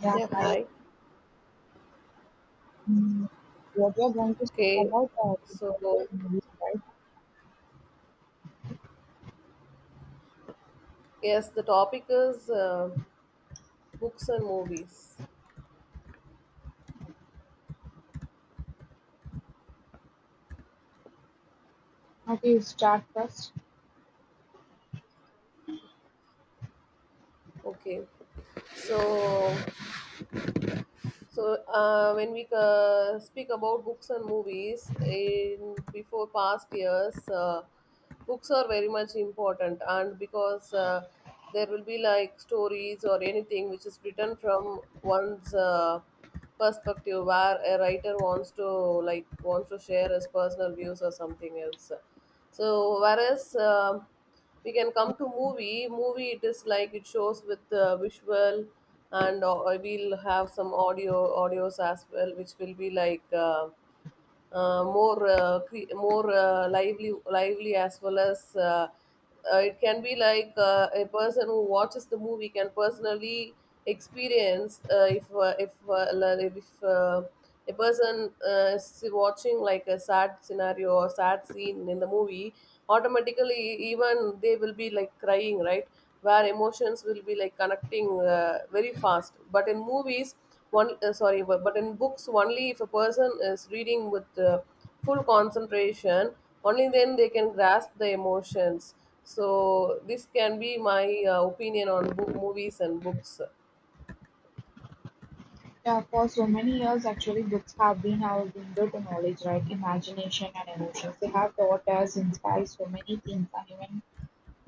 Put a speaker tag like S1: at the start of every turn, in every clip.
S1: Yeah,
S2: Yeah,
S1: I
S2: hi.
S1: mm, what you're going to speak
S2: Okay,
S1: about books
S2: so
S1: and, right?
S2: yes, the topic is books and movies.
S1: Okay, you start first.
S2: Okay, so so when we speak about books and movies in before past years, books are very much important, and because there will be like stories or anything which is written from one's perspective where a writer wants to share his personal views or something else. So whereas we can come to movie, it is like it shows with visual, and we'll have some audios as well, which will be like more lively as well as it can be like a person who watches the movie can personally experience. If a person is watching like a sad scenario or sad scene in the movie, automatically even they will be like crying, right? Where emotions will be like connecting very fast, but in movies but in books, only if a person is reading with full concentration, only then they can grasp the emotions. So this can be my opinion on book, movies and books.
S1: Yeah, for so many years, actually, books have been our window to knowledge, right? Imagination and emotions. They have taught us, inspired so many things, and even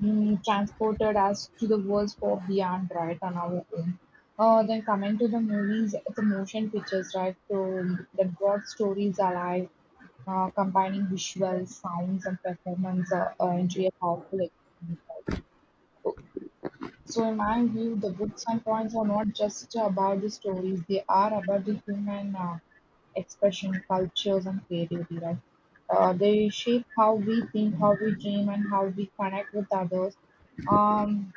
S1: transported us to the worlds far beyond, right, on our own. Then coming to the movies, the motion pictures, right? So that brought stories alive, combining visuals, sounds, and performance into a powerful experience. So in my view, the books and poems are not just about the stories; they are about the human expression, cultures, and creativity. Right? They shape how we think, how we dream, and how we connect with others. Um,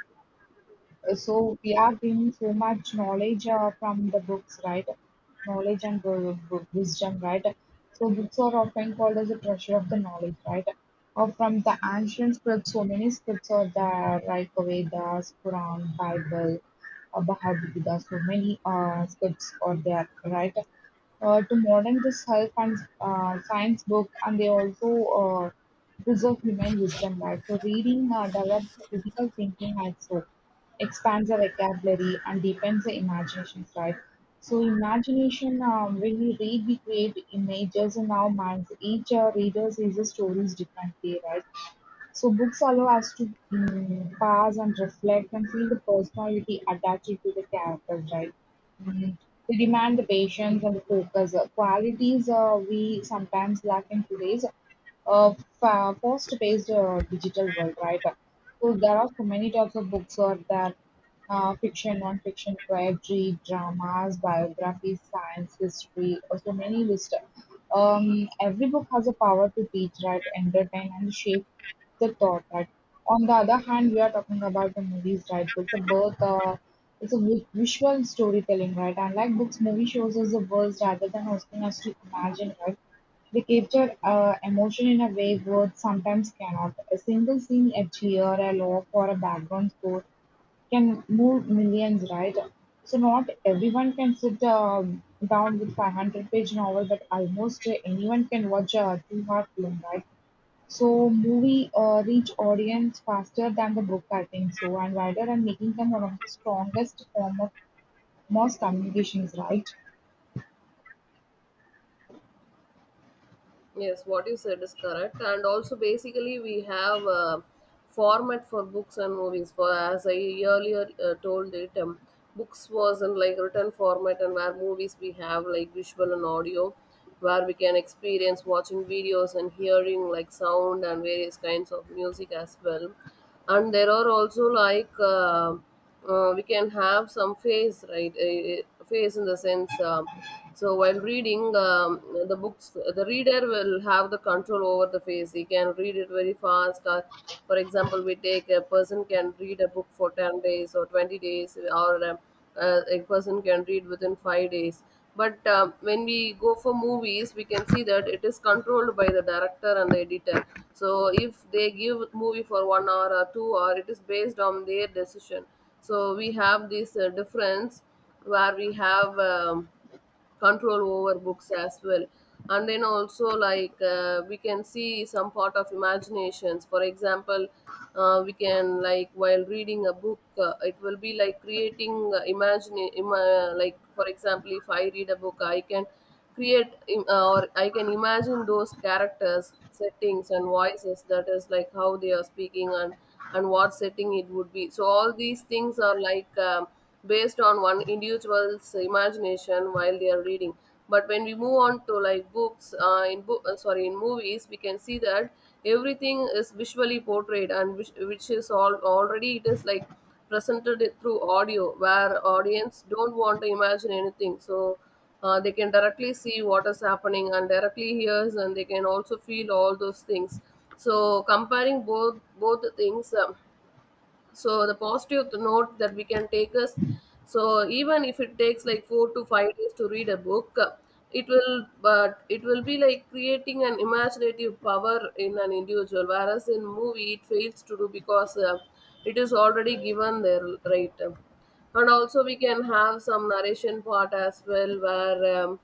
S1: so we are gaining so much knowledge from the books, right? Knowledge and wisdom, right? So books are often called as a treasure of the knowledge, right? Or from the ancient scripts, so many scripts are there, like Vedas, Quran, Bible, Bhagavad Gita. So many scripts are there, right? To modern this health and science book, and they also uh, preserve human wisdom, right? So reading develops critical thinking, also expands the vocabulary and deepens the imagination, right? So imagination, when we read, we create images in our minds. Each reader sees the stories differently, right? So books allow us to pause and reflect and feel the personality attached to the characters, right? Mm. They demand the patience and the focus. Qualities we sometimes lack in today's uh, fast-paced digital world, right? So there are so many types of books, or that fiction, non-fiction, poetry, dramas, biographies, science, history, or so many list. Every book has a power to teach, right, entertain, and shape the thought. That on the other hand, we are talking about the movies, right? It's a about, it's a visual storytelling, right? Unlike books, movie shows us the words rather than asking us to imagine, right? They capture emotion in a way words sometimes cannot. A single scene, a cheer, a laugh, or a background score can move millions, right? So not everyone can sit down with 500-page novel, but almost anyone can watch a 2 hour film, right? So movie reach audience faster than the book, I think so, and wider, and making them one of the strongest form of mass communications, right?
S2: Yes, what you said is correct. And also, basically, we have a format for books and movies. For as I earlier told it, books was in like written format, and where movies we have like visual and audio, where we can experience watching videos and hearing like sound and various kinds of music as well. And there are also like we can have some face, right? Face in the sense. So while reading the books, the reader will have the control over the face. He can read it very fast. For example, we take a person can read a book for 10 days or 20 days, or a person can read within 5 days. But when we go for movies, we can see that it is controlled by the director and the editor. So if they give movie for 1 hour or 2 hour, it is based on their decision. So we have this difference where we have. Control over books as well, and then also like we can see some part of imaginations. For example, we can like while reading a book, it will be like creating like for example if I read a book I can or I can imagine those characters, settings and voices, that is like how they are speaking and what setting it would be. So all these things are like based on one individual's imagination while they are reading. But when we move on to like books in book sorry in movies, we can see that everything is visually portrayed and which is all already, it is like presented it through audio, where audience don't want to imagine anything. So they can directly see what is happening and directly hears, and they can also feel all those things. So comparing both the things, so the positive note that we can take is, so even if it takes like 4 to 5 days to read a book, it will be like creating an imaginative power in an individual, whereas in movie it fails to do, because it is already given there, right? And also we can have some narration part as well, where um,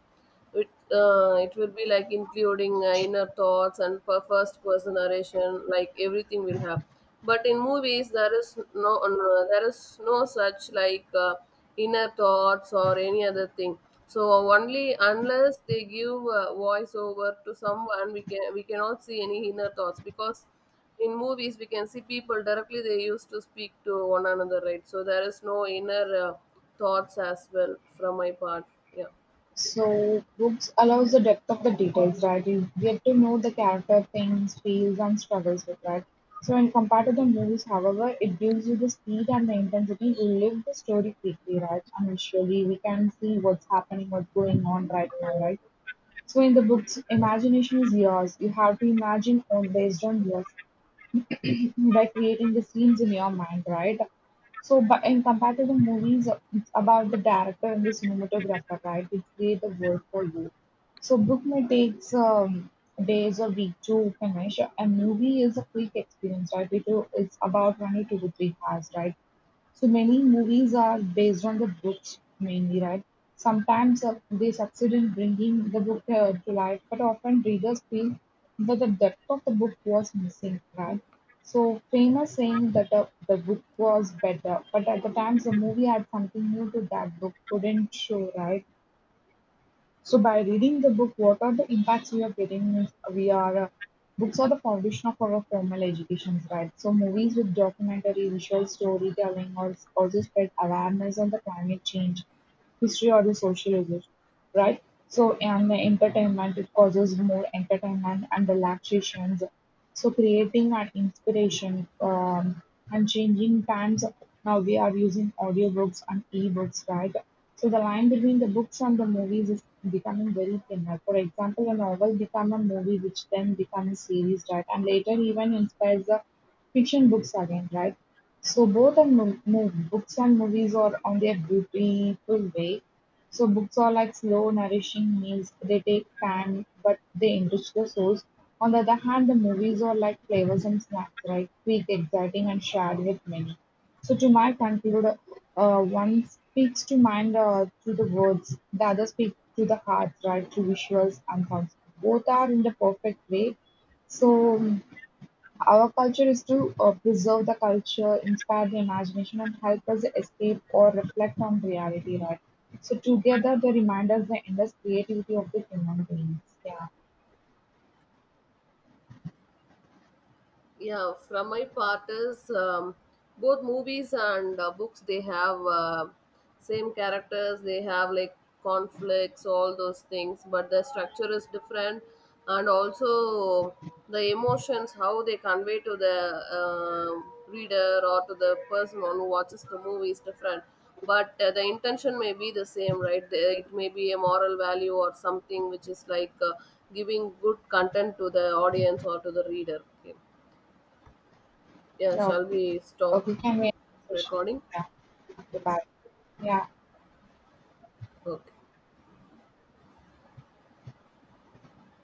S2: it, uh, it will be like including inner thoughts and per first person narration, like everything will have. But in movies, there is no, there is no such like inner thoughts or any other thing. So only unless they give a voiceover to someone, we can we cannot see any inner thoughts, because in movies we can see people directly, they used to speak to one another, right? So there is no inner thoughts as well from my part. Yeah.
S1: So books allows the depth of the details, right? You get to know the character, things, feels, and struggles with, right? So when compared to the movies, however, it gives you the speed and the intensity to live the story quickly, right? And visually, we can see what's happening, what's going on right now, right? So in the books, imagination is yours. You have to imagine all based on yourself by creating the scenes in your mind, right? So, but in compared to the movies, it's about the director and the cinematographer, right? They create the work for you. So, book may takes days or week to finish. A movie is a quick experience, right? It's about only 2 to 3 hours, right? So many movies are based on the books mainly, right? Sometimes they succeed in bringing the book to life, but often readers feel that the depth of the book was missing, right? So famous saying that the book was better, but at the times the movie had something new to that book couldn't show, right? So by reading the book, what are the impacts we are getting? Means We are books are the foundation of our formal educations, right? So movies with documentary, visual storytelling, or also spread awareness on the climate change, history, or the social issues, right? So and the entertainment, it causes more entertainment and relaxations. So creating an inspiration, and changing times. Now we are using audiobooks and e-books, right? So the line between the books and the movies is becoming very thinner. For example, a novel become a movie, which then become a series, right? And later even inspires the fiction books again, right? So both are books and movies are on their beautiful way. So books are like slow, nourishing meals. They take time, but they enrich the souls. On the other hand, the movies are like flavorsome snacks, right? Quick, exciting, and shared with many. So to my conclude, one speaks to mind through the words, the other speaks to the heart, right? Through visuals and sounds. Both are in the perfect way. So our culture is to preserve the culture, inspire the imagination, and help us escape or reflect on reality, right? So together they remind us the endless creativity of the human beings. Yeah.
S2: Yeah, from my part is, both movies and books, they have same characters, they have like conflicts, all those things, but the structure is different. And also the emotions how they convey to the reader or to the person who watches the movie is different. But the intention may be the same, right? There- it may be a moral value or something which is like giving good content to the audience or to the reader, okay. Yeah,
S1: Yeah.
S2: shall
S1: Okay.
S2: we stop
S1: Okay. Can we end the session?
S2: recording?
S1: Yeah. Goodbye. Yeah.
S2: Okay.